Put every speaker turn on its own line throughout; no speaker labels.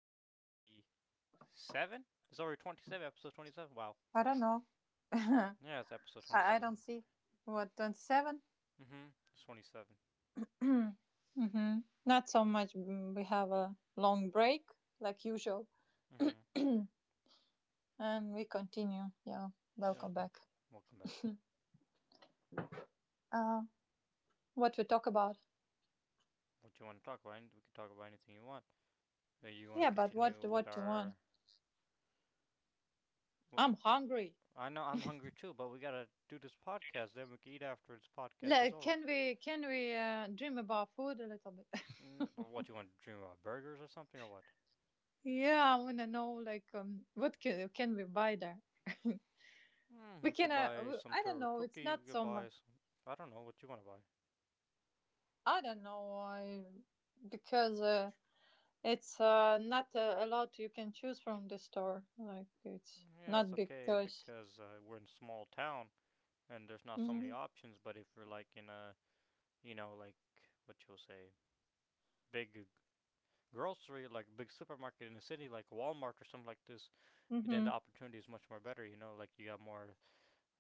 27? It's already 27, episode 27? Wow.
I don't know. I,
Yeah, it's episode
I
27.
don't see. What, 27?
Mm hmm. It's 27.
Hmm. Not so much. We have a long break, like usual,
Mm hmm.
and we continue. Yeah,
Yeah.
welcome back.
Welcome back.
Uh, what we talk about?
What you want to talk about? We can talk about anything you want. You want to
Yeah, but what
continue with
what do you want?
our.
I'm hungry.
I know I'm hungry too, but we gotta do this podcast. Then we can eat after this podcast is
Like,
over.
can we dream about food a little bit?
What you want to dream about? Burgers or something or what?
Yeah, I wanna know like what can we buy there? We
We
can.
could buy some
I don't
Toro
know. It's
cookie. We
not
could
so much.
buy some. I don't know what you want to buy.
I don't know. I because. It's not a lot you can choose from the store. Like it's
Yeah,
not
it's
big
okay
choice.
because we're in a small town, and there's not so many
Mhm.
options. But if we're like in a, like what you'll say, big grocery, like big supermarket in the city, like Walmart or something like this, then the
Mhm.
opportunity is much more better. You know, like you got more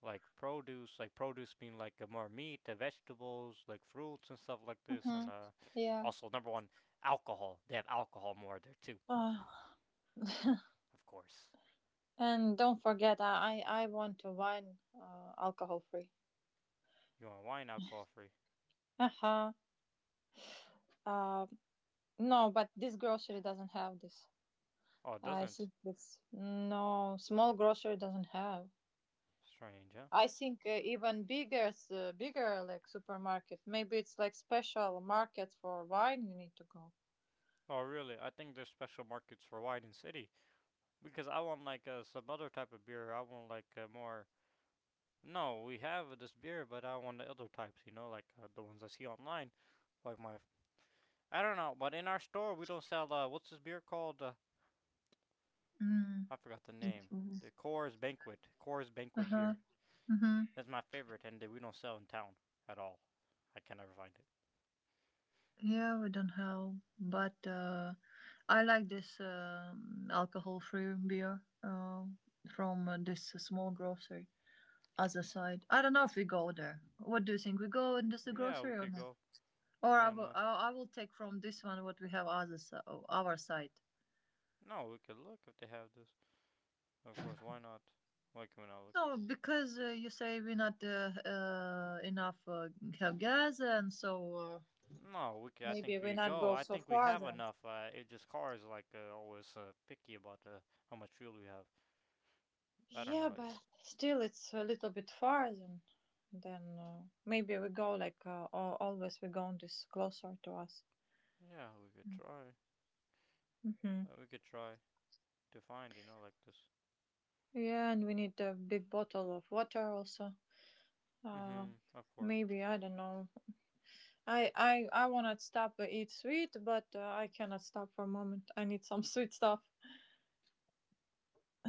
like produce being like more meat, the vegetables, like fruits and stuff like this, and
Mhm. Yeah.
also number one, alcohol. They have alcohol more there too,
Uh,
of course.
and don't forget, I want to wine alcohol free.
You want wine alcohol free?
Uh huh. Uh, no, but this grocery doesn't have this.
Oh, it
I
doesn't.
think this no small grocery doesn't have.
Strange, huh?
I think even bigger, like supermarket. Maybe it's like special market for wine. You need to go.
Oh, really? I think there's special markets for wine in city because I want like some other type of beer. I want like more. No, we have this beer, but I want the other types, like the ones I see online. Like my. I don't know, but in our store, we don't sell. What's this beer called?
Mm.
I forgot the name. The Coors Banquet. Coors
Uh
Banquet
huh.
beer.
Hmm.
That's my favorite, and we don't sell in town at all. I can never find it.
Yeah, we don't have, but I like this alcohol-free beer uh, from this small grocery. Other side, I don't know if we go there. What do you think? We go in this
Yeah,
grocery
we
or
could
not?
go.
Or I
Why
will,
not?
I I will take from this one what we have our side.
No, we could look if they have this. Of course, why not? Why can we not look?
No, because you say we not enough have gas, and so uh,
No, we could, I
maybe
think
we
we could
not
go.
go
I
so
think we
far
have
then.
enough. It just Coors like always picky about how much fuel we have. I don't
Yeah,
know.
but still, it's a little bit far. Then, maybe we go like always. We go on this closer to us.
Yeah, we could try.
Hmm.
We could try to find, like this.
Yeah, and we need a big bottle of water also. Uh,
Mhm. Of course.
Maybe I don't know. I wanna stop to eat sweet, but I cannot stop for a moment. I need some sweet stuff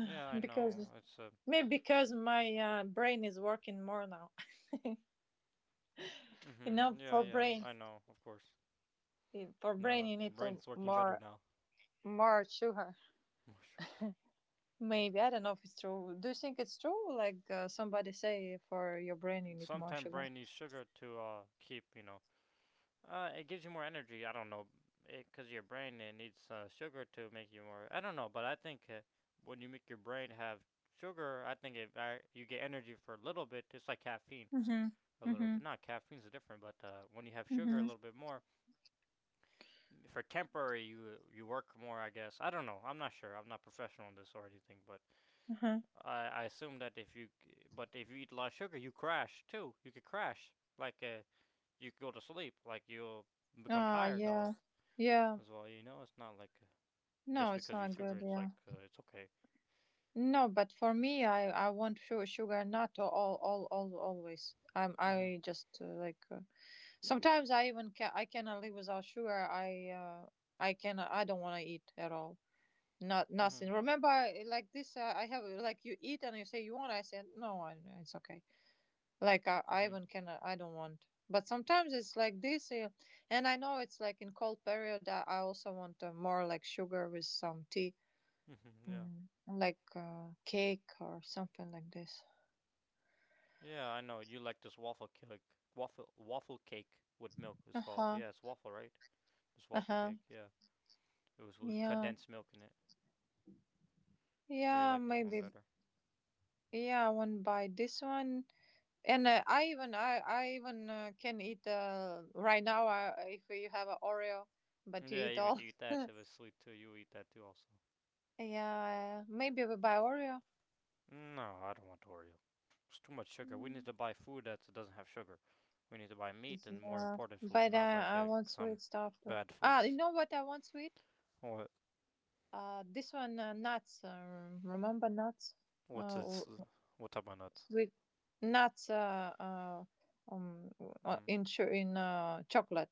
Yeah, I know.
because
It's a.
maybe because my brain is working more now.
Mhm. Yeah,
For
yeah.
brain
I know. Of course. No,
you need to
brain's working better
more
now.
more sugar.
sugar.
Maybe I don't know if it's true. Do you think it's true? Like somebody say, for your brain you need more
Sometimes
sugar.
brain needs sugar to keep, you know. It gives you more energy. I don't know, cause your brain it needs sugar to make you more. I don't know, but I think when you make your brain have sugar, I think if I, you get energy for a little bit. It's like caffeine.
Mhm.
A little
Mhm.
bit. Not caffeine's different, but when you have sugar a
Mhm.
little bit more, for temporary you work more, I guess. I don't know. I'm not sure. I'm not professional in this or anything, but
Mhm.
I assume that if you but if you eat a lot of sugar, you crash too. You could crash like you could go to sleep, like you'll become
Ah,
tired
yeah,
all
yeah.
as well. You know, it's not like
No,
just
it's
because you eat
not
sugar,
good.
it's
Yeah.
like it's okay.
No, but for me, I want sugar, not all all always. I'm
Mhm.
I just like sometimes I cannot live without sugar. I don't want to eat at all. Not nothing.
Mhm.
Remember, like this, I have like you eat and you say you want. I said no, it's okay. Like I
Mhm.
even can I don't want. But sometimes it's like this, and I know it's like in cold period. I also want more like sugar with some tea,
Mhm. Yeah.
like cake or something like this.
Yeah, I know. You like this waffle cake. Waffle cake with milk is
Uh
called.
huh.
Yeah, it's waffle, right? This
Uh
waffle
huh.
cake, yeah. It was with
Yeah.
condensed milk in it. You
Yeah.
like this one
Maybe.
better.
Yeah. I want buy this one, and I even can eat right now. If you have a Oreo, but you
Yeah,
eat
even if
all.
you eat that, if it's sweet too, you eat that too also.
Yeah. Maybe we buy Oreo.
No, I don't want Oreo. It's too much sugar. We need
Mm.
to buy food that doesn't have sugar. We need to buy meat and more
Yeah,
important food,
but
not like
I want
some
sweet stuff too.
bad food.
Ah, you know what I want sweet?
What?
This one nuts. Remember nuts?
What's
Uh, w-
this?
w-
What type of nuts?
sweet nuts.
hmm
In chocolate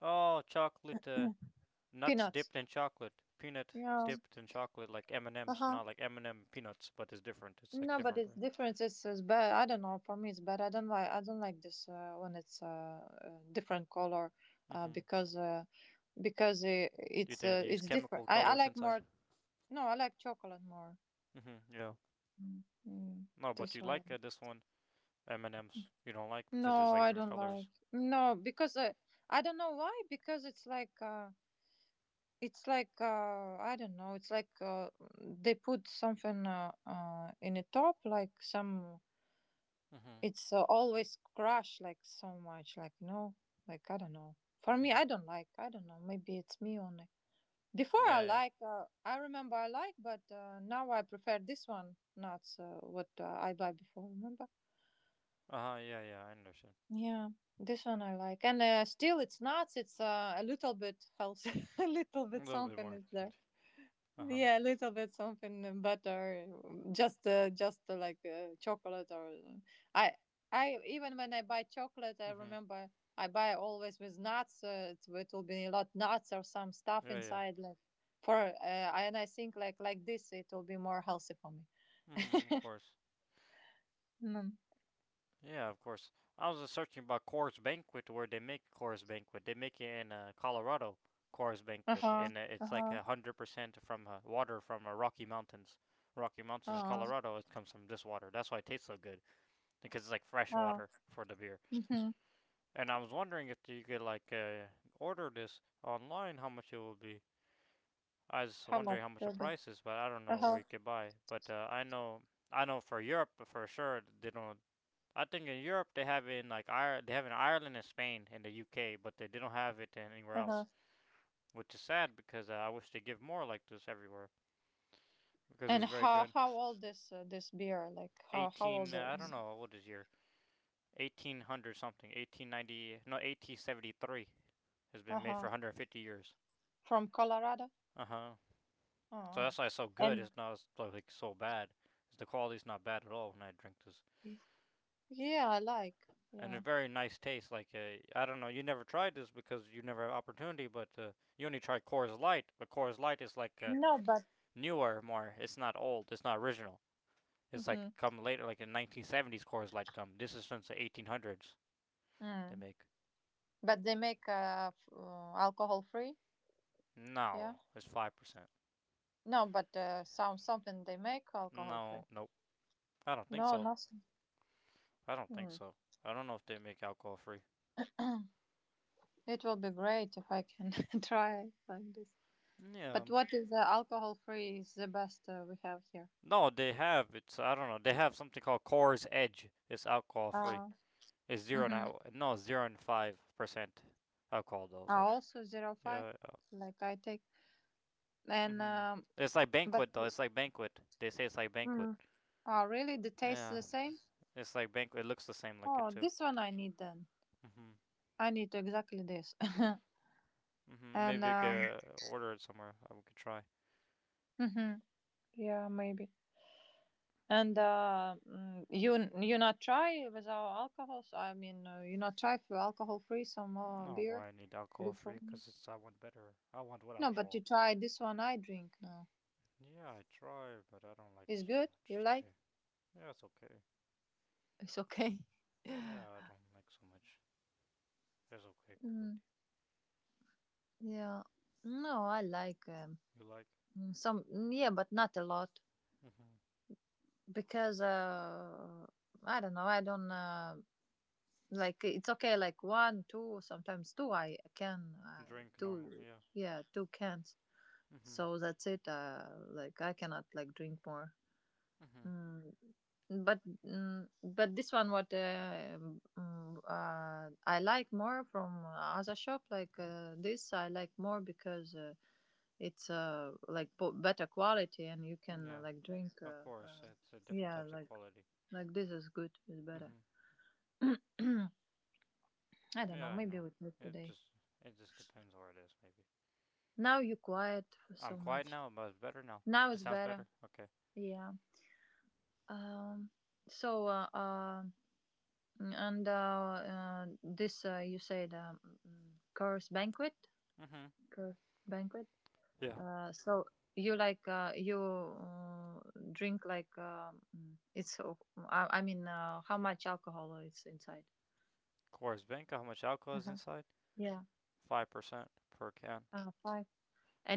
Oh, chocolate. Nuts
peanuts.
dipped in chocolate, peanut
Yeah.
dipped in chocolate, like M and
Uh
M's,
huh.
not like M and M peanuts, but it's different. It's like
No, but
different
it's
brand.
different. It's bad. I don't know. For me, it's bad. I don't like. I don't like this when it's different color, uh,
Mm-hmm.
because uh, because
You
it's
think
uh,
they use
it's different.
chemical
I
colors
like more.
inside?
No, I like chocolate more.
Mm-hmm. Yeah.
Mm, mm,
No, but
that's
you
why.
like this one M and M's. You don't like because it's
No,
like
I
different
don't like.
colors.
No, because I don't know why. Because it's like, I don't know. It's like they put something in the top, like some.
Mm-hmm.
It's always crushed like so much, like like I don't know. For me, I
Mm-hmm.
don't like. I don't know. Maybe it's me only. Before I
Yeah, yeah.
like, I remember I like, but now I prefer this one, not what I buy before. Remember.
Uh huh. Yeah, yeah. I understand.
Yeah, this one I like, and still it's nuts. It's a little bit healthy, a little
A
bit
little bit
something
more.
is there.
Uh huh.
Yeah, a little bit something butter, just like chocolate or I I even when I buy chocolate, I
Mm-hmm.
remember I buy always with nuts. It will be a lot nuts or some stuff
Yeah, yeah.
inside, like for and I think like this, it will be more healthy for me.
Mm-hmm. Of course.
Mm.
Yeah, of course. I was just searching about Coors Banquet where they make Coors Banquet. They make it in Colorado, Coors
Uh
Banquet,
huh.
and
Uh
it's like
huh.
100% from water from Rocky Mountains. Rocky
Uh
Mountains,
huh.
Colorado. It comes from this water. That's why it tastes so good because it's like fresh
Uh huh.
water for the beer.
Mhm.
And I was wondering if you could like order this online, how much it will be. I was
How
wondering
much?
how much the price is, but I don't
Uh
know where
huh.
you could buy. But I know for Europe for sure they don't. I think in Europe they have it in like Ireland, they have it in Ireland and Spain and the UK, but they don't have it anywhere else,
Uh-huh.
which is sad because I wish they give more like this everywhere because
And
it's very
how
good.
old is this beer? Like how old
18, I don't
is?
know what is year, 1800 something, 1890, no 1873, has been made
Uh-huh.
for 150 years.
From Colorado?
Uh huh. So
Oh.
that's why it's so good.
And
It's not like so bad. The quality's not bad at all when I drink this.
yeah, I like.
And a
Yeah.
very nice taste. Like I don't know, you never tried this because you never had opportunity, but you only tried Coors Light. But Coors Light is like
No, but
newer, more. It's not old. It's not original. It's
hmm.
like come later, like in 1970s Coors Light come. This is since the 1800s they
Mm.
make.
But they make alcohol free? Yeah.
No, it's 5%.
No, but something they make alcohol
No,
free.
nope. I don't think
No,
so.
nothing.
I don't think
Hmm.
so. I don't know if they make alcohol free.
It will be great if I can try like this.
Yeah.
But what is the alcohol free is the best we have here?
No, they have. It's I don't know. They have something called Coors Edge. It's alcohol free.
Uh,
It's zero
mhm.
now. No, 0 and 5% alcohol though.
Are
But
also 0.5,
yeah, yeah.
like I take. And
hmm It's like
but
banquet though. It's like banquet. They say it's like banquet.
mm, oh really? The taste
Yeah,
the same?
it's like banquet. It looks the same like it
Oh,
too.
this one I need then.
hmm
I need exactly this. And
Maybe we could order it somewhere. We could try.
mhm, yeah, maybe. And you not try without alcohol? So, I mean, you not try for alcohol free some
No,
beer
why I need alcohol
before?
free? Cause it's I want better. I want with
No, but you
alcohol.
try this one I drink now.
Yeah, I try, but I don't like
It's
so
good.
much.
You
It's
like?
okay. Yeah, it's okay.
It's okay.
Yeah, I don't like so much. It's okay
Mm,
quality.
yeah. No, I like.
You like?
Some yeah, but not a lot
hmm
because I don't know. I don't like it's okay. Like one, two, sometimes two. I can
Drink normal.
two.
Yeah.
Yeah, two cans.
Mhm.
So that's it. Like I cannot like drink more.
Mhm.
Mm, but this one what I like more from other shop like this I like more because it's like better quality and you
Mm,
can
yeah.
like drink
Of course, it's different
yeah
types of
like
quality.
this is good. It's better.
Mhm.
I don't
Yeah,
know.
I
Maybe
know.
we talk
It
today.
just it just depends where it is, maybe.
Now you quiet for
I'm
so much.
quiet now, but it's better now.
Now
It
it's
sounds
better.
better. Okay.
Yeah. um so and this you said curse banquet,
Mhm.
curse banquet
Yeah.
So you like you drink like it's I mean how much alcohol is inside?
Coors Bank. How much alcohol is
Uh-huh.
inside?
Yeah,
5% per can.
five.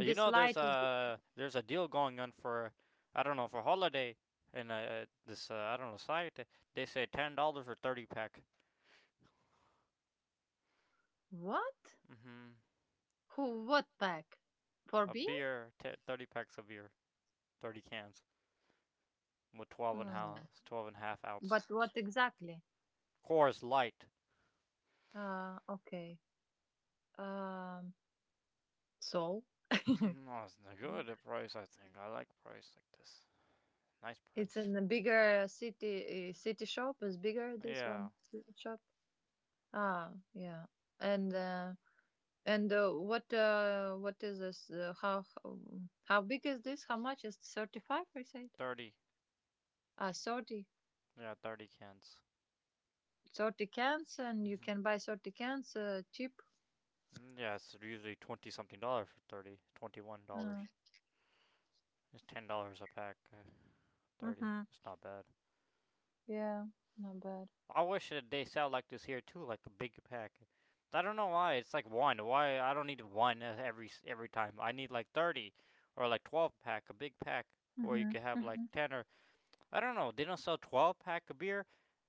You
this
know, there's
light is
a there's a deal going on for I don't know for holiday in this I don't know site. They say $10 for 30 pack.
what?
Mhm.
Who? What pack? For
A
beer?
beer, 30 packs of beer, 30 cans with 12 and,
Mm.
half, 12 and half ounce.
But what exactly?
Coors Light.
Okay. Um, so
No, it's not good at price, I think. I like price like this. Nice
it's
price.
in a bigger city. City shop is bigger. This
Yeah,
one city shop. Ah, yeah. And uh, And what is this? How big is this? How much is 35? I said.
30.
Ah, 30.
Yeah, 30 cans.
30 cans, and you can buy 30 cans cheap.
Mm-hmm. Yeah, it's usually 20 something dollars for 30. $21.
Uh,
It's $10 a pack. 30.
Mm-hmm.
It's not bad.
Yeah, not bad.
I wish that they sell like this here too, like a big pack. I don't know why it's like one. Why I don't need one every time. I need like 30 or like 12 pack, a big pack, or you
Mm-hmm.
could have like
Mm-hmm.
ten or I don't know. They don't sell 12 pack of beer.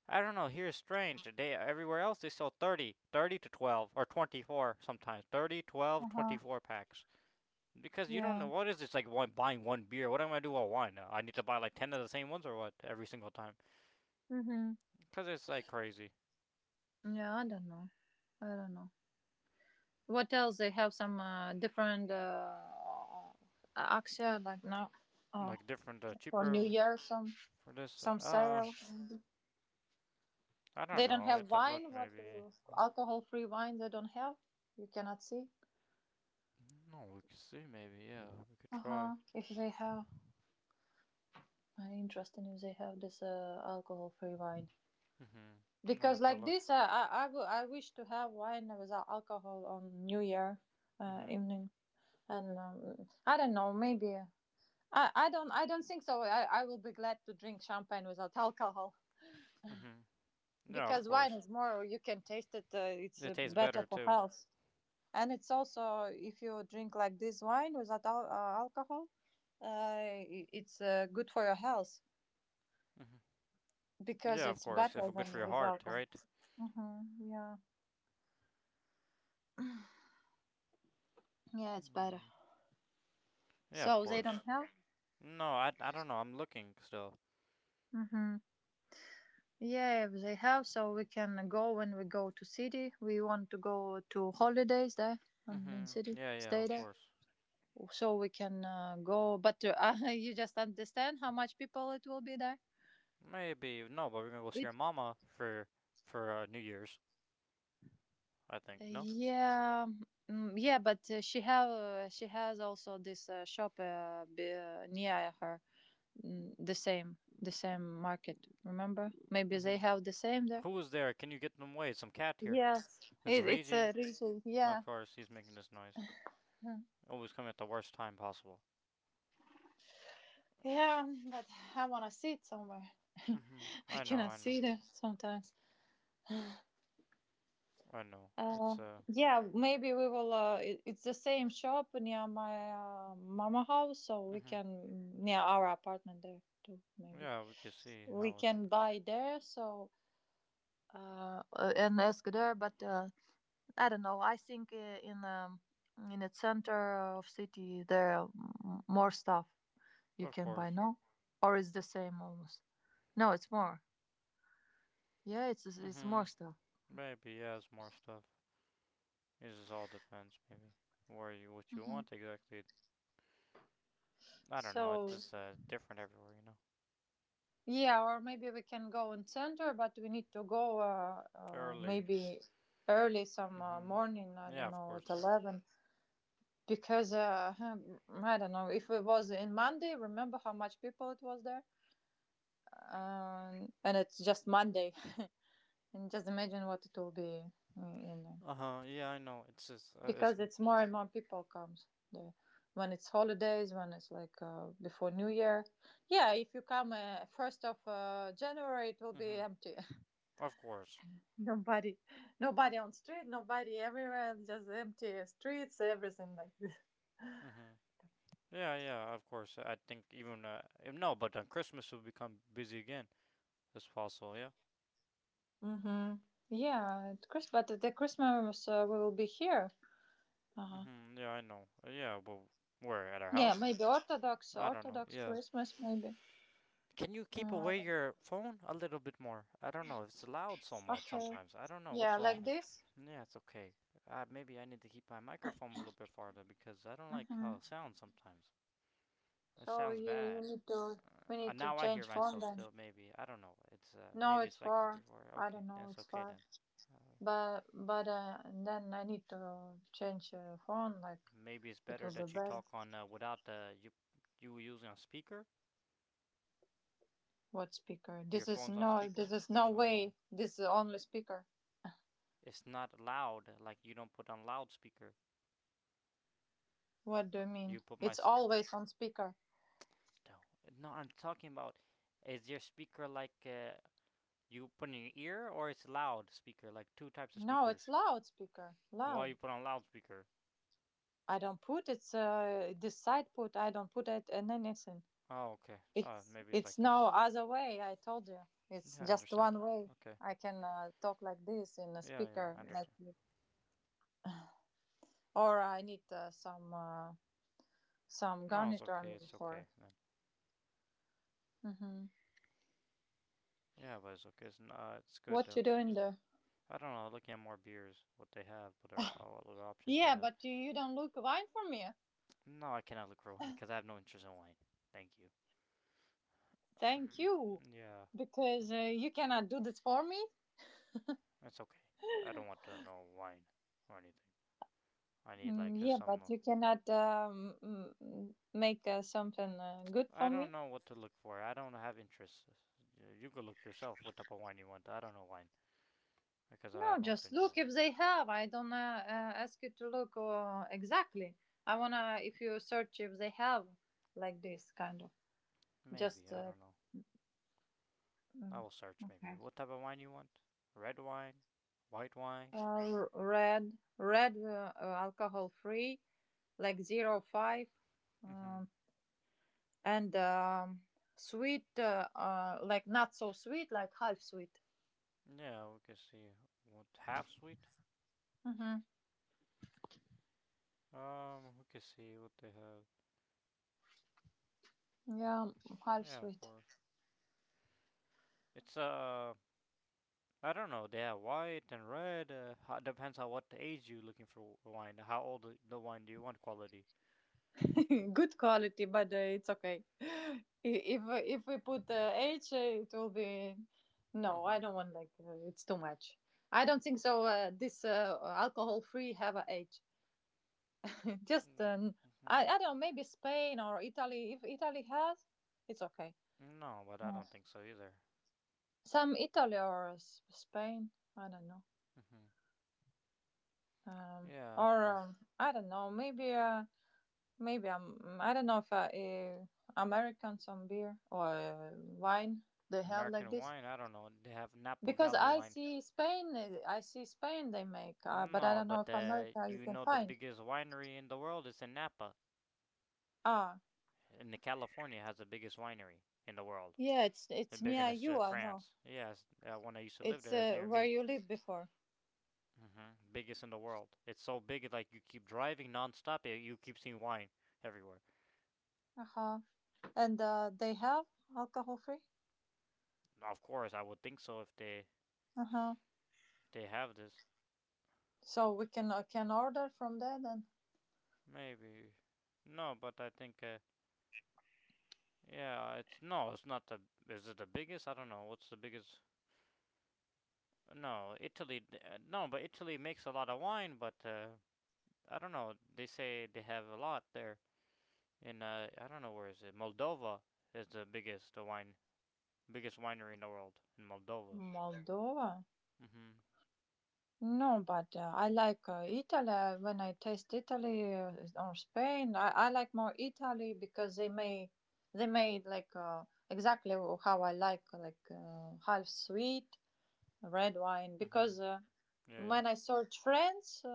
I don't know. Here is strange. They everywhere else they sell 30, 30 to 12 or 24 sometimes. 30, 12, twenty
Uh-huh.
four packs because you don't
Yeah.
know what is this like one buying one beer. What am I gonna do with one? I need to buy like ten of the same ones or what every single time
Mm-hmm.
because it's like crazy.
Yeah, I don't know. I don't know. What else? They have some different action like now uh,
Like different,
for New
cheaper
Year, some
for this?
some sale.
I don't
They don't
know. We have
have
to look
wine. What
maybe.
do alcohol-free wine they don't have? You cannot see.
No, we could see maybe. Yeah, we could
Uh
try.
huh. If they have, I interesting if they have this alcohol-free wine.
Mhm. No, we
Because
could
like
look.
this, I wish to have wine without alcohol on New Year
Mhm.
evening, and I don't know. Maybe I don't think so. I will be glad to drink champagne without alcohol
Mhm. Yeah, of
because wine
course.
is more. You can taste it. It's
It tastes
better
better
for
too.
health. And it's also if you drink like this wine without alcohol, uh, it's good for your health
Mhm.
because
Yeah, of
it's
course. If
better
it's good for
than
your
with
heart,
alcohol.
right?
Hmm. Yeah, yeah, it's better.
Mm. Yeah, of
So they
course.
don't have.
No, I don't know. I'm looking still.
Hmm. Yeah, if they have, so we can go when we go to city. We want to go to holidays there and in
Mhm.
city
Yeah, yeah,
stay
of
there,
course.
so we can go. But you just understand how much people it will be there.
Maybe no, but we're gonna go see
It
your mama for New Year's. I think no.
Yeah, mm, yeah, but she has also this shop near her. The same market. Remember? Maybe they
Mhm.
have the same there.
Who is there? Can you get them away? Some cat here. It's
It's
Reggie.
a region.
Of
Yeah,
course, he's making this noise. Always coming at the worst time possible. Uh,
yeah, but I wanna see it somewhere.
Mm-hmm.
I
I know,
cannot
I know,
see them sometimes.
I know.
Uh, yeah, maybe we will. It's the same shop near my mama house, so we
Mm-hmm.
can near our apartment there too. Maybe.
Yeah, we can see
We
how it
can
looks.
buy there, so and ask there. But I don't know, I think in in the center of city there are more stuff you
Of
can buy,
course.
no? Or it's the same almost? No, it's more. Yeah, it's it's
Mm-hmm.
more stuff.
Maybe he has more stuff. It just all depends, maybe. What you want exactly. I don't know,
So
it's just, different everywhere, you know.
yeah, or maybe we can go in center, but we need to go
Early.
maybe early some
Mm-hmm.
morning, I
Yeah,
don't
of
know, at
course.
11. Because I don't know, if it was in Monday, remember how much people it was there, and it's just Monday, and just imagine what it will be in there.
Uh-huh, yeah, I know. It's just, it's,
Because it's more and more people comes there when it's holidays, when it's like before New Year. Yeah, if you come first of January, it will be
mm-hmm.
empty.
Of course.
Nobody, nobody on street, nobody everywhere, just empty streets, everything like this.
hmm yeah, of course. I think even no, but then Christmas will become busy again. It's possible, yeah.
Hmm Yeah, at Chris, but the Christmas we will be here. Uh-huh.
Yeah, I know. Yeah, well, where at our
Yeah,
house?
maybe Orthodox,
I don't know.
Orthodox
Yeah.
Christmas, maybe.
Can you keep
Uh,
away your phone a little bit more? I don't know. It's loud so much
okay.
sometimes. I don't know
Yeah,
what's
like
wrong.
this.
Yeah, it's okay. Maybe I need to keep my microphone a little bit farther because I don't like how
Mm-hmm.
it sounds sometimes. It
So
sounds
you
bad.
need to, we need to
Now I hear
change phone
myself
then.
still. Maybe I don't know. It's
No,
maybe
it's
it's like this
far.
before.
I
Okay,
don't know,
that's
it's
okay
far.
then. Uh,
But then I need to change phone. Like
Maybe it's
it
better
will be
that you
better.
talk on without you using a speaker.
What speaker?
Your
This is
phone's on
no. This
speaker.
is
Or is
no
it on normal?
way. This is only speaker.
It's not loud. Like you don't put on loudspeaker.
What do you
You
mean?
put my
It's
s-
always on speaker.
No. No, I'm talking about. Is your speaker like you put in your ear or it's loud speaker? Like two types of
No, it's
speakers.
loudspeaker.
Why you
Loud.
put on loudspeaker?
I don't put, it's this side put. I don't put it in anything.
Oh, okay.
It's
Maybe it's like
it's no
this.
other way, I told you. It's
Yeah, I
just
understand.
one way.
Okay.
I can talk like this in a
Yeah, yeah,
speaker
I
like
understand.
you. Or I need some
No, it's
garniture, I
okay.
mean,
It's okay
for.
then.
Hmm
Yeah, but it's okay. It's not. It's good.
What you doing there?
I don't know. Looking at more beers, what they have, what other options they
Yeah,
have.
but you don't look wine for me.
No, I cannot look for wine because I have no interest in wine. Thank you.
Thank you,
Yeah,
because you cannot do this for me.
it's okay. I don't want to know wine or anything. I need
Mm,
like
yeah, but
some.
you cannot make something good for
I don't
me.
know what to look for. I don't have interests. You go look yourself. What type of wine you want? I don't know wine, because
No,
I don't
just
enjoy
look
wine.
if they have. I don't ask you to look exactly. I wanna if you search if they have like this kind of,
Maybe
just
I don't know.
mm,
I will search. Maybe
okay.
what type of wine you want? Red wine, white wine.
Red, alcohol free, like 0.5,
Mm-hmm.
um, and sweet like not so sweet, like half sweet.
Yeah, we can see what half sweet.
Mm-hmm.
We can see what they have.
Yeah, half
Yeah, of
sweet.
course. It's I don't know. They have white and red. Depends on what age you looking for wine. How old the wine do you want quality?
Good quality, but it's okay. I- If if we put age, it will be. No, I
Mhm.
don't want like it's too much. I don't think so. This alcohol free have a age. Just I
Mhm.
I don't know, maybe Spain or Italy. If Italy has, it's okay.
No, but I
Uh,
don't think so either.
Some Italy or Spain, I don't know.
hmm
Um,
Yeah, of
or
course.
um, I don't know. Maybe. Maybe I'm, I don't know if Americans on beer or wine they have like
American
this.
wine, I don't know. They have Napa
Because
Valley
I
wine.
see Spain. I see Spain they make, but I
No,
don't know
but
if America you
you
can
know the
find.
biggest winery in the world is in Napa.
Ah,
And the California has the biggest winery in the world.
yeah, it's it's
Bigger
near
than
you, I know.
France. Yes, when I used to live
It's
there, it's near
where
me.
you lived before.
Biggest in the world. It's so big, like you keep driving nonstop, you keep seeing wine everywhere.
Uh huh. And they have alcohol free.
Of course, I would think so
Uh huh.
if they have this.
So we can order from there then.
Maybe no, but I think yeah, it's no, it's not the. Is it the biggest? I don't know. What's the biggest? No, Italy. No, but Italy makes a lot of wine, but I don't know. They say they have a lot there. In I don't know where is it. Moldova is the biggest wine, biggest winery in the world in Moldova.
Moldova.
Mhm.
No, but I like Italy. When I taste Italy or Spain, I like more Italy, because they may, they made like exactly how I like half sweet red wine.
Mhm.
Because
Yeah, yeah.
when I search France uh,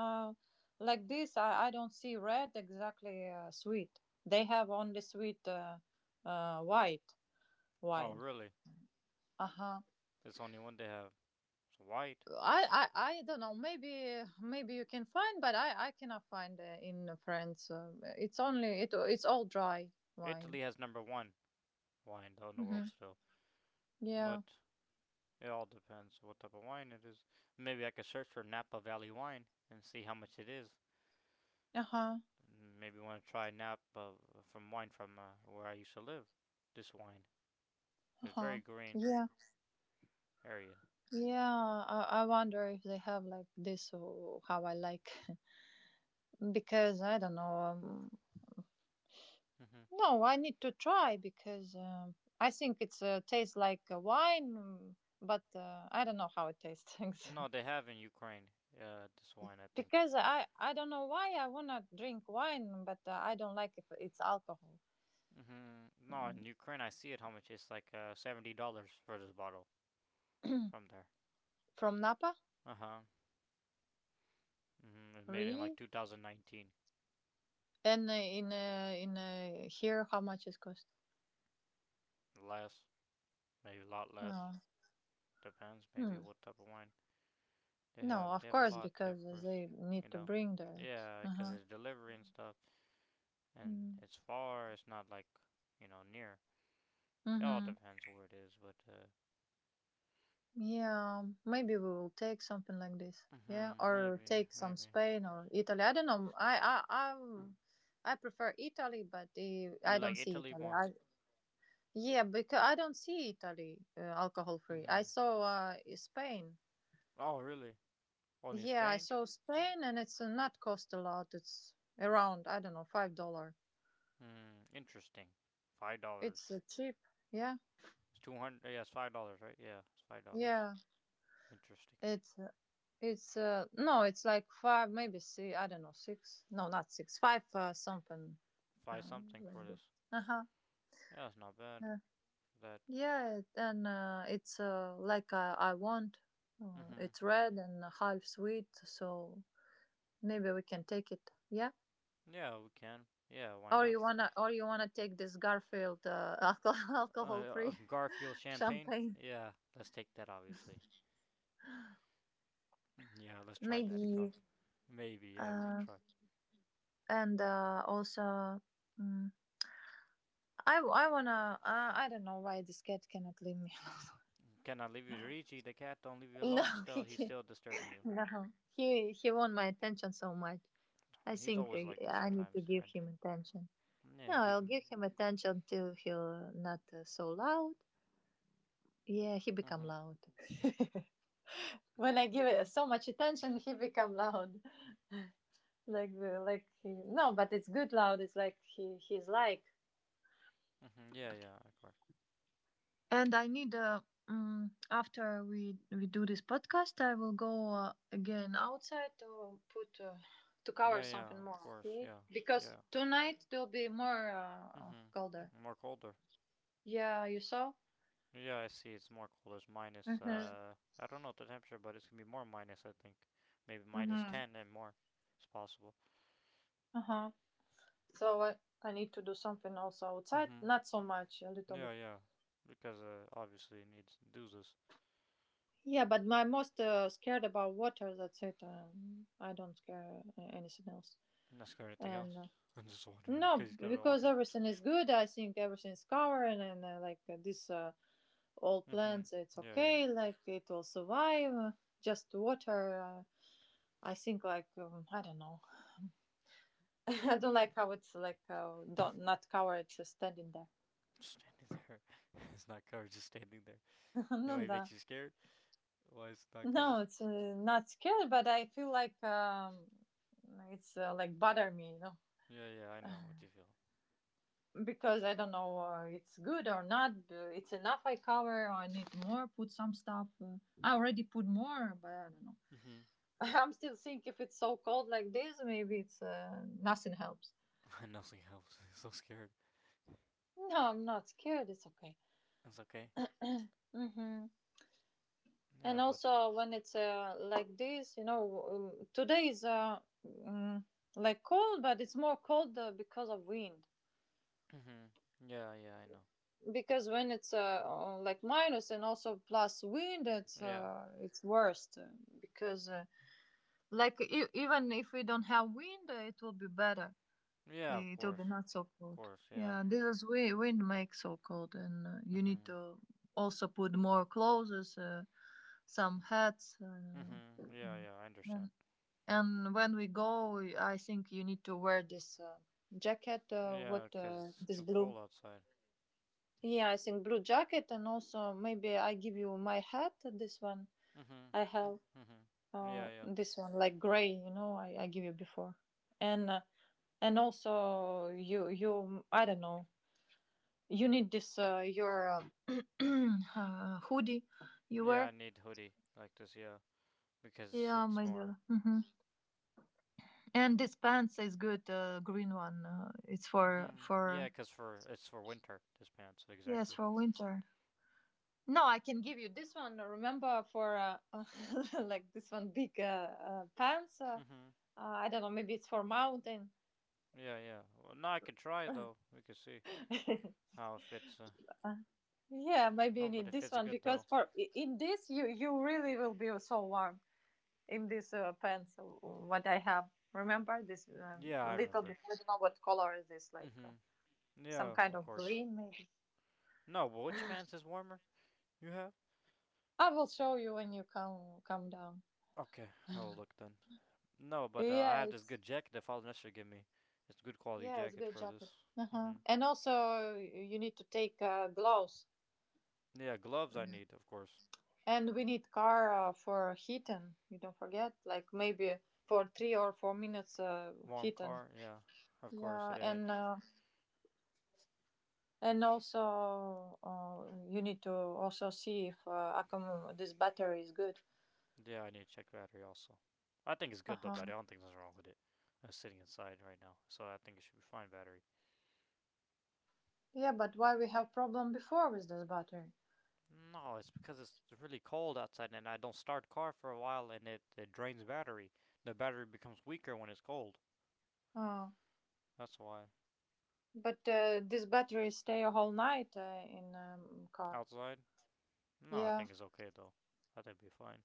uh, like this, I don't see red exactly sweet. They have only sweet white
Oh,
wine.
really?
Uh huh.
It's only one they have. It's white.
I, I I don't know. Maybe maybe you can find, but I cannot find in France. Um, it's only it's all dry wine.
Italy has number one wine though in the
Hmm
world still,
Yeah.
but it all depends what type of wine it is. Maybe I could search for Napa Valley wine and see how much it is.
Uh huh.
Maybe want to try Napa from wine from where I used to live. This wine,
Uh
it's very
huh.
green
Yeah.
area.
Yeah. I wonder if they have like this or how I like, because I don't know.
Mhm.
No, I need to try, because I think it's tastes like a wine, but I don't know how it tastes.
No, they have in Ukraine. This wine I think.
Because I don't know why I wanna drink wine, but I don't like if it's alcohol.
Mhm. No,
Mm.
in Ukraine I see it how much it's like $70 for this bottle from there.
From Napa,
Uh huh. It was made in like
really?
2019.
And in here, how much it cost?
Less, maybe a lot less.
Oh.
Depends, maybe
Hmm.
what type of wine they
No,
have. They
of
have a
course,
lot, yeah, of
because
course.
they
You
need to
know,
bring that.
yeah,
Uh
because
huh.
it's delivery and stuff, and
Mm.
it's far. It's not like you know near. It all
Hmm.
depends where it is, but
Yeah, maybe we will take something like this. Yeah, or
maybe,
take some
maybe
Spain or Italy. I don't know. I prefer Italy, but
you
I
like
don't see
Italy
Italy.
more.
I, yeah, because I don't see Italy alcohol free. I
hmm
saw Spain.
Oh, really? Only
Yeah, I
Spain?
saw Spain, and it's not cost a lot. It's around, I don't know, $5.
Hmm, interesting. $5.
It's cheap. Yeah,
It's 200. Yeah, it's $5, right? Yeah, it's $5.
yeah.
Interesting.
It's uh, it's No, it's like five, maybe six. I don't know, six. No, not six. Five something.
Find
Uh
something for this.
huh.
Yeah, it's not bad
Yeah,
for that.
yeah. it- And it's like I want.
Mhm.
It's red and half sweet, so maybe we can take it. Yeah.
Yeah, we can. Yeah, why not?
Or you wanna take this Garfield alcohol,
A
alcohol-free
Garfield champagne?
champagne,
Yeah, let's take that obviously. Yeah, let's try that, Garf.
maybe,
Maybe, yeah, we could
uh,
try.
and also, mm, I wanna, I don't know why this cat cannot leave me.
Can I leave you, Luigi? The cat don't leave you
No,
alone. Still,
he
he's
can.
still disturbing you.
No, he want my attention so much. I
He's
think
always like this
I need to
sometimes.
give
And
him attention.
yeah,
No,
give
I'll
him.
give him attention till he'll not so loud. Yeah, he become
Mhm.
loud. When I give it so much attention, he become loud. Like like he, no but it's good loud, it's like he's like.
Mhm. Yeah, yeah, of course.
And I need after we do this podcast, I will go again outside to put to cover
Yeah,
something
yeah,
more.
of course.
See
Yeah,
Because
yeah.
tonight it will be more
Mm-hmm.
colder.
More colder.
Yeah, you saw.
Yeah, I see. It's more cold. It's minus.
Mm-hmm.
I don't know the temperature, but it's gonna be more minus. I think maybe minus
Mm-hmm.
ten and more. It's possible.
uh-huh So I need to do something also outside,
Mm-hmm.
not so much, a little
Yeah,
bit.
yeah. Because obviously it needs to do this.
Yeah, but my most scared about water, that's it. I don't care anything else.
Not scare anything
And
else. And just water,
no,
because he's got
because
water.
everything is good, I think everything is covered and this all
Mm-hmm.
plants it's
Yeah, yeah.
okay, like it will survive just water. I think like, I don't know, I don't like how it's like don't, not covered, just standing there.
Just standing there. It's not covered. Just standing there.
No,
Anyway, it
no,
makes you scared. Why is it not
no,
covered?
it's not scary, but I feel like it's like bother me, you know.
Yeah, yeah, I know what you feel.
Because I don't know it's good or not. It's enough I cover, or I need more. Put some stuff. I already put more, but I don't know.
Mm-hmm.
I'm still think, if it's so cold like this, maybe it's nothing helps.
Nothing helps. So scared.
No, I'm not scared. It's okay.
It's okay.
hmm And
Yeah, but.
also when it's like this, you know, today is like cold, but it's more cold because of wind.
Mm-hmm. Yeah, yeah, I know.
Because when it's like minus and also plus wind,
Yeah.
it's worst because. Like even if we don't have wind, it will be better.
Yeah, of
It will be
course.
not so
Of
cold.
course, yeah.
Yeah, this is wind. Wind makes so cold, and you need
Mm-hmm.
to also put more clothes, some hats. I don't know.
Mm-hmm. Yeah,
Mm.
yeah, I
And
understand.
and when we go, I think you need to wear this jacket.
Yeah,
What
'cause it's
this
too
blue?
cold outside.
Yeah, I think blue jacket, and also maybe I give you my hat. This one
Mhm.
I have.
Mhm. Yeah, yeah.
This one like gray, you know, I give you before. And and also you I don't know, you need this your hoodie you
Yeah, I
wear.
need hoodie like this. Yeah, because
Yeah,
it's
my dear.
more.
Hmm And this pants is good green one, uh, it's for
Mhm.
for
Yeah, 'cause for it's for winter. This pants
yes
exactly.
for winter. No, I can give you this one, remember, for like this one big pants,
Mhm.
I don't know, maybe it's for mountain.
Yeah, yeah. Well, now I can try it, though. We can see how it fits.
Yeah, maybe you
No, but
need
it
this
fits
one,
good
because
though.
for in this you you really will be so warm, in this pants what I have. Remember this,
Yeah, I
little
remember.
bit. I don't know what color is this, like
Mhm.
some
Yeah,
kind
of
of
course.
green, maybe.
No, but which pants is warmer? You have?
I will show you when you come come down.
Okay, I'll look then. No, but I
Yeah,
have this
it's,
good jacket that Father Nestor gave me. It's a good quality
yeah, it's
jacket
good
for
jacket.
this.
Uh huh.
hmm
And also you need to take gloves.
Yeah, gloves I need, of course.
And we need car for heating. You don't forget, like maybe for 3 or 4 minutes
Warm
heating.
car, yeah, of course.
Yeah, and. And also, you need to also see if this battery is good.
Yeah, I need to check battery also. I think it's
Uh
good though,
huh.
battery. I don't think there's wrong with it. I'm sitting inside right now, so I think it should be fine battery.
Yeah, but why we have problem before with this battery?
No, it's because it's really cold outside and I don't start car for a while and it drains battery. The battery becomes weaker when it's cold.
Oh,
That's why.
but this battery stay a whole night in car.
Outside? No, I
Yeah.
think it's okay though. I think it'll be fine.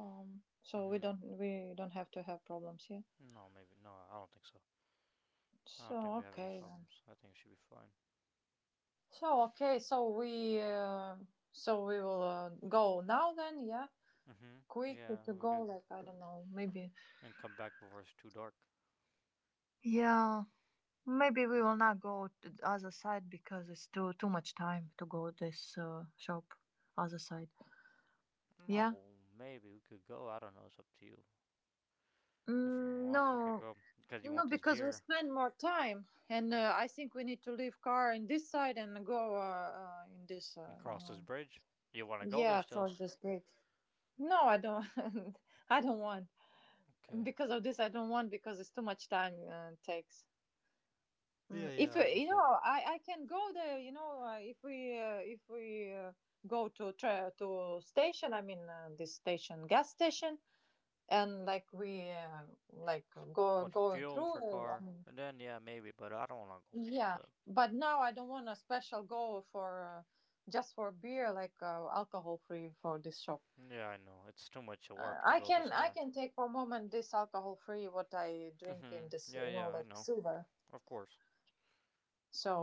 So we
Mhm.
don't we don't have to have problems here.
No, maybe no. I don't think so. I don't
So
think we have any
okay then.
problems. I think it should be fine.
So okay. So we will go now then. Yeah.
Mhm.
Quick
Yeah,
to
we
go,
could
like I don't know, maybe.
and come back before it's too dark.
Yeah. Maybe we will not go to the other side, because it's too much time to go this shop other side. Yeah.
No, maybe we could go. I don't know. It's up to you. If you want, we could
No,
go because you
no,
want this
because we
beer
spend more time, and I think we need to leave car in this side and go in this.
and
You
cross this
know.
bridge. You want to go
Yeah,
there still?
across this bridge. No, I don't. I don't want
Okay.
because of this. I don't want because it's too much time takes.
Yeah,
Mm,
yeah,
if
I
you know
understand.
i i can go there if we go to to station this station gas station and like go
What
going
fuel
through
for car? And then yeah, maybe, but I don't want to go.
yeah,
So
but now I don't want a special go for just for beer like alcohol free for this shop.
yeah, I know it's too much work to
I
go this
can I
far.
can take for a moment this alcohol free what I drink in
Mhm.
this
Yeah, yeah, I
like
know.
silver,
Of course.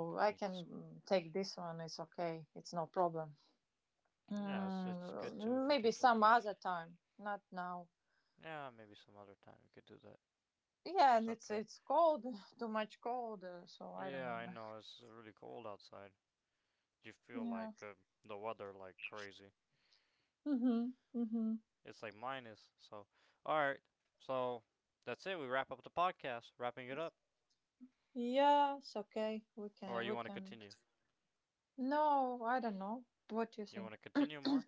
I could
I
take
can
this one.
take this one. It's okay, it's no problem.
Yeah, it's good too
Mm,
if you
maybe
take like
some
this.
other time, not now.
Yeah, maybe some other time we could do that.
Yeah,
It's
and it's
okay.
it's cold, too much cold, so I don't
Yeah, I
wanna.
know it's really cold outside. You feel
Yeah.
like the weather like crazy.
Mhm. Mhm.
It's like minus. So, all right. So that's it. We wrap up the podcast. Wrapping it up,
Yes. Okay. We
or
can.
you
We
want to
can.
continue?
No, I don't know. What do you
You want
think?
to continue more?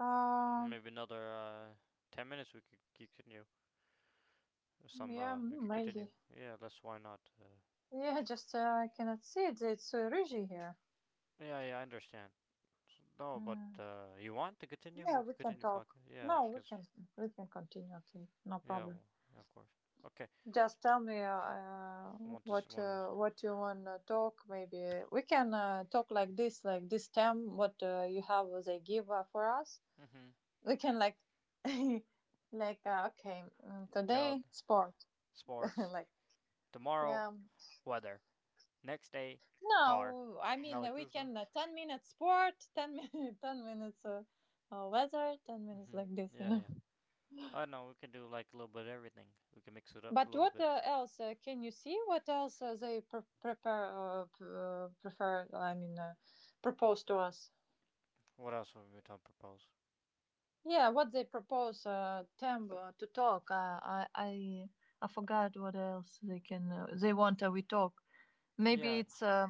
Um.
Maybe another 10 minutes. We could continue. Some
Yeah.
we could continue.
Maybe.
Yeah, let's. Why not?
Yeah. Just I cannot see it. It's Rigi here.
Yeah, yeah, I understand. No, but
Mm.
you want to continue?
Yeah.
We can
We can
continue
talk.
podcast. Yeah,
No, we
because
can. We can continue. Okay. No
yeah,
problem.
w yeah, of course. Okay.
Just tell me
Want this one?
what you want to talk. Maybe we can talk like this time. What you have, what they give for us.
Mm-hmm.
We can like, like okay,
Tell
today sport.
sports
Like
tomorrow
yeah,
weather next day car.
no, I
Not
mean
like
we
this, no.
can 10 minutes sport, 10 minutes, 10 minutes weather, 10 minutes
Mm-hmm.
like this. You
Yeah,
know.
yeah. I don't know we can do like a little bit of everything. We can mix it up a
But
little
what
bit.
else can you see? What else they prepare prefer? I mean, propose to us.
What else have we been talking propose?
Yeah, what they propose them to talk. I I forgot what else they can. They want we talk. Maybe
Yeah,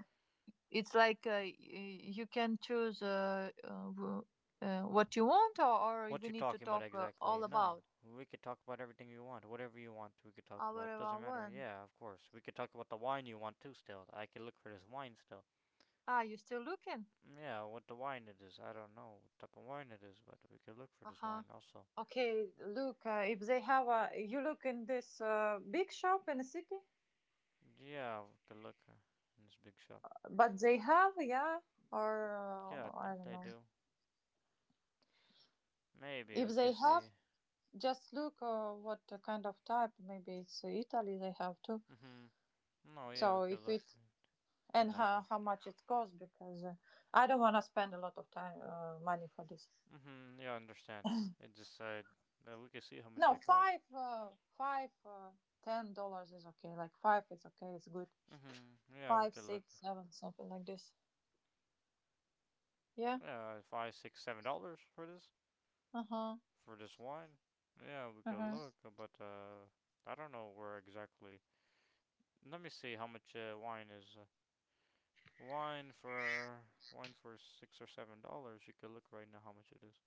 it's like you can choose what you want, or
what
we
you
need to
talking about
talk
exactly?
all
No.
about.
We could talk about everything you want. Whatever you want, we could talk about. Doesn't
Our
matter.
one.
Yeah, of course. We could talk about the wine you want too still. I could look for this wine still.
Ah, you still looking?
Yeah, what the wine it is. I don't know what type of wine it is, but we could look for
Uh
this
huh.
wine also.
Okay, look, if they have a, you look in this big shop in the city,
Yeah, we could look in this big shop.
but they have, yeah, or
Yeah, I
I
think
don't
they
know.
do. Maybe
If
we could
they have,
see.
just look what kind of type. Maybe it's Italy they have too.
Mhm. No, yeah, we
So
could
if
look.
it,
They
and
have one.
how much it costs because I don't want to spend a lot of time money for this.
Mhm. Yeah, I understand. It just said that we could see how much
No,
it costs.
five, five, $10 is okay. Like five is okay. It's good.
Mm-hmm. Yeah, we
Five,
could look.
six, seven, something like this. Yeah.
Yeah, five, six, $7
Uh huh.
for this wine. Yeah, we
Uh
could
huh.
look, but I don't know where exactly. Let me see how much wine is. Wine for wine for $6 or $7. You could look right now how much it is.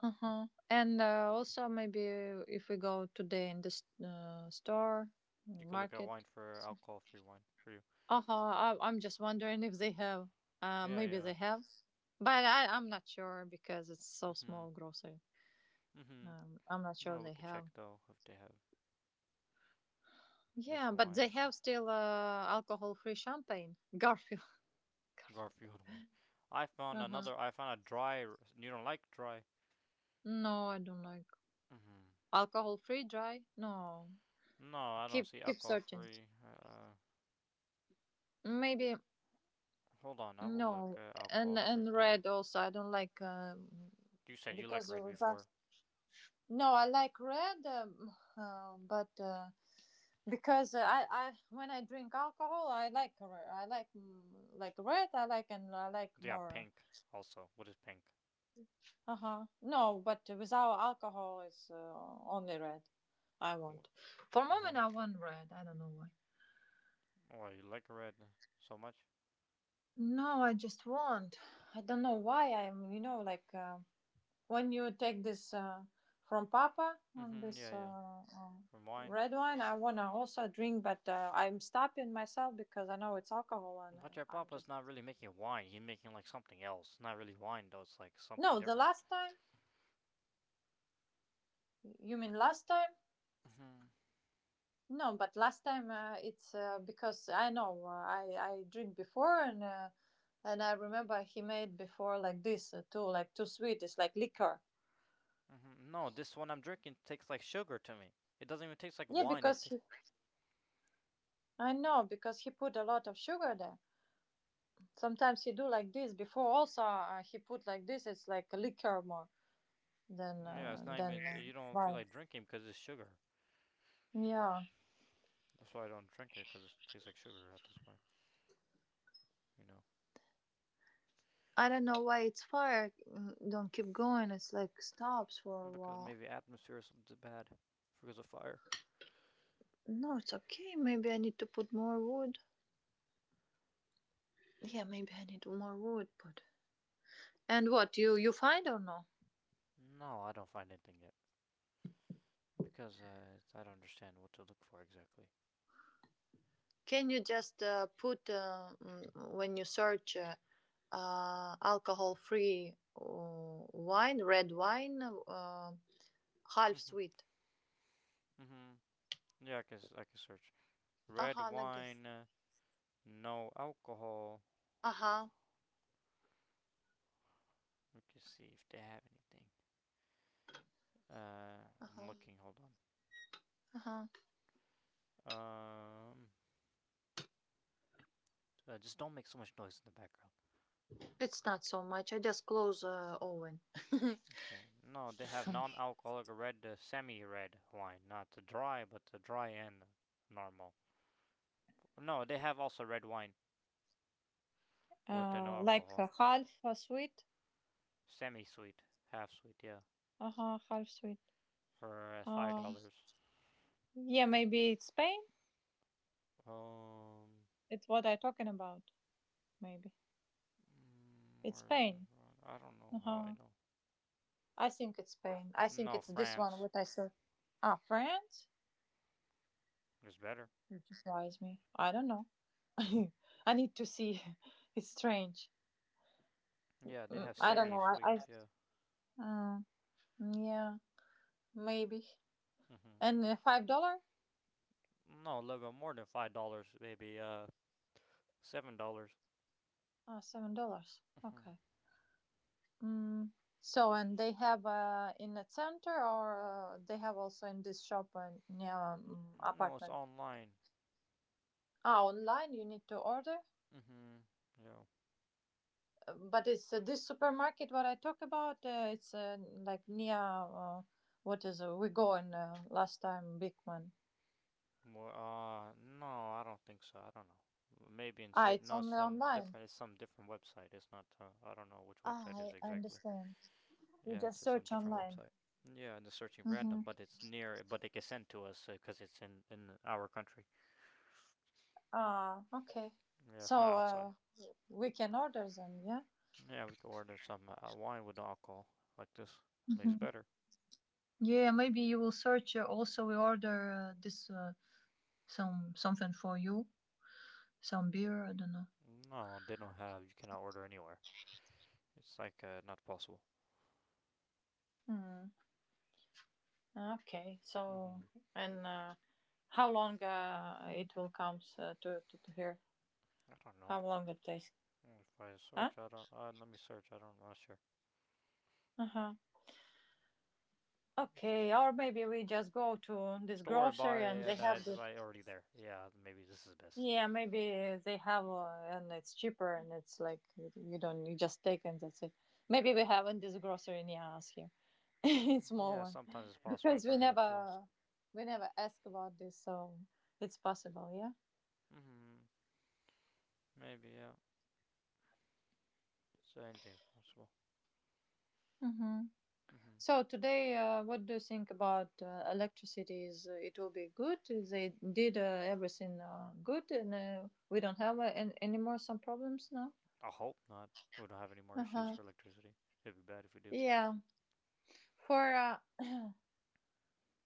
Uh-huh. And also maybe if we go today in the store,
You could look at
market.
wine for alcohol-free wine for you.
Uh-huh. I'm just wondering if they have.
Yeah,
Maybe
yeah.
they have, but I'm not sure because it's so
Mm-hmm.
small grocery.
Mm-hmm.
I'm not sure
No, we
they
could
have.
check though if they have
Yeah,
this
but they
wine.
have still alcohol-free champagne. Garfield.
Garfield one. I found
Uh-huh.
another. I found a dry. You don't like dry.
No, I don't like
hmm
alcohol-free dry. No.
No, I don't
Keep
see
keep
alcohol
searching.
free.
Maybe.
Hold on, I will look
No,
at
and
alcohol free
and
if they have.
red also. I don't like
You said you like
because
red before.
no. I like red, but because I when I drink alcohol, I like I like like red. I like and I like
They got
more.
pink also. What is pink?
Uh huh. No, but without alcohol, it's only red. I want. For a
Uh Huh?
moment, I want red. I don't know why.
Well, you like red so much?
No, I just want. I don't know why. I'm. You know, like. When you take this from Papa and this
Yeah, yeah.
uh,
From wine.
red wine, I wanna also drink, but I'm stopping myself because I know it's alcohol, and
But your
I'm
papa's
just
not really making wine. He's making like something else. Not really wine though. It's like something
no. The
different.
last time, you mean last time?
hmm
No, but last time it's because I know I drink before and. And I remember he made before like this too, like too sweet. It's like liquor.
No, this one I'm drinking tastes like sugar to me. It doesn't even taste like
Yeah,
wine.
because he, I know because he put a lot of sugar there. Sometimes he do like this. Before also he put like this. It's like liquor more than
Yeah, it's not even. You don't feel
wine.
like drinking because it's sugar.
Yeah.
That's why I don't drink it because it tastes like sugar at this point. You know,
I don't know why it's fire. Don't keep going. It's like stops for a
because
while.
maybe atmosphere is bad because of fire.
No, it's okay. Maybe I need to put more wood. Yeah, maybe I need more wood. Put, and what you find or no?
No, I don't find anything yet because I don't understand what to look for exactly.
Can you just put when you search alcohol free wine, red wine, half
Mhm.
sweet?
Mhm. Yeah, I can search. Red
Uh-huh, like this.
wine. No alcohol.
Uh-huh.
Let me see if they have anything. I'm
Uh-huh.
looking. Hold on.
Uh-huh.
Um, just don't make so much noise in the background.
It's not so much. I just close oven.
Okay. No, they have non-alcoholic red, the semi-red wine, not the dry, but the dry and normal. No, they have also red wine with the no
Like
alcohol,
a half a sweet.
semi-sweet, half sweet, yeah,
Uh huh, half sweet.
for five
Uh,
dollars.
yeah, maybe it's Spain.
Um,
It's what I talking about. Maybe it's
where is this
Spain.
one? I don't
Uh
know how I
huh.
know.
I think it's Spain. I think
No,
it's this one.
France.
What I said. Ah, France.
It's better.
You surprise me. I don't know. I need to see. It's strange.
Yeah, they
Mm,
have
I don't
semi
know. I. I
sweet. Yeah.
uh, yeah, maybe.
hmm
And $5?
No, Lego more than $5, maybe $7.
Ah, $7. Okay. Mm. So and they have in the center or they have also in this shop and near
No, it's
apartment.
online.
Ah, online you need to order.
hmm Yeah.
But it's this supermarket what I talk about. It's like near what is we go in last time Bigman.
More. No, I don't think so. I don't know. Maybe in
Ah,
Sid.
it's
No,
only
some
online.
different. It's some different website. It's not. I don't know which
Ah,
website it is
I I
exactly.
understand. You
Yeah, it's
just
just some
search
different
online.
website. Yeah, and they're searching
Mm-hmm.
random, but it's near. But they can send to us because it's in our country.
Ah, okay.
Yeah, it's not
So
outside.
we can order then, yeah.
Yeah, we could order some wine with no alcohol, like this. Maybe it's
Mm-hmm.
better.
Yeah, maybe you will search. Also, we order this some something for you, some beer. I don't know.
No, they don't have. You cannot order anywhere. It's like not possible.
Hmm. Okay. So,
hmm
and how long it will come to here?
I don't know.
How long it takes?
If I
Huh?
search, I don't. Let me search. I don't. I'm not sure.
Uh huh.
It just
Okay. Or maybe we just go to this
store and buy,
grocery and they
and
have
is it
the.
already there? Yeah, maybe this is best.
Yeah, maybe they have, and it's cheaper, and it's like you don't, you just take and that's it. Maybe we have in this grocery near us here, it's small
Yeah,
one.
sometimes it's possible.
Because we
It's there too. Also.
never we never ask about this, so it's possible, yeah.
hmm Maybe yeah. So anything's possible.
Hmm.
hmm
So today, what do you think about electricity? Is it will be good? They did everything good, and we don't have any more some problems now.
I hope not. We don't have any more
Uh
issues
huh.
for electricity. It'd be bad if we do.
Yeah. For uh,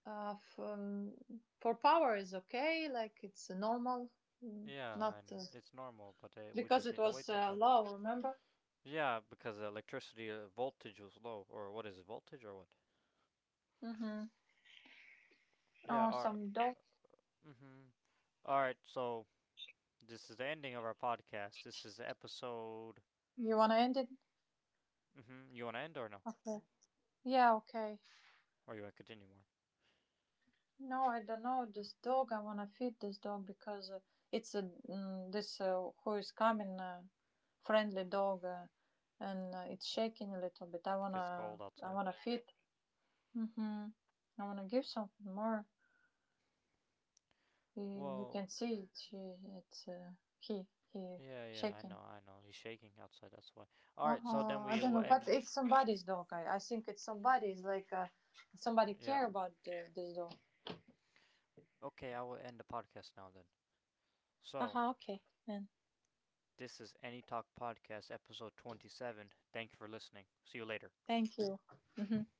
uh for, um, for power is okay, like it's normal, mm,
Yeah,
not
and it's normal, but we
because
just
it
need to
was
wait sometimes.
low. Remember?
Yeah, because the electricity voltage was low, or what is it, voltage or what?
Mm-hmm.
Yeah,
Oh,
our,
some dog.
mm-hmm. All right, so this is the ending of our podcast. This is episode.
You wanna end it?
Mm-hmm. You want to end or no?
Okay. Yeah, okay.
Or you want to continue more?
No, I don't know this dog. I wanna feed this dog because it's a mm, this who is coming friendly dog, and it's shaking a little bit.
Because it's cold
I
outside.
wanna feed. Mhm. I wanna give something more. You, you
Well,
can see it. She, it's he
yeah, yeah, I
shaking.
know, I know. He's shaking outside, that's why. All right, so then
Uh-huh. I
we
don't
will
know, but
end.
it's somebody's dog. I think it's somebody's like somebody
Yeah.
care about this dog.
Okay, I will end the podcast now then.
Uh
So,
huh. Okay. And
this is Any Talk Podcast, episode 27. Thank you for listening. See you later.
thank you. Mhm.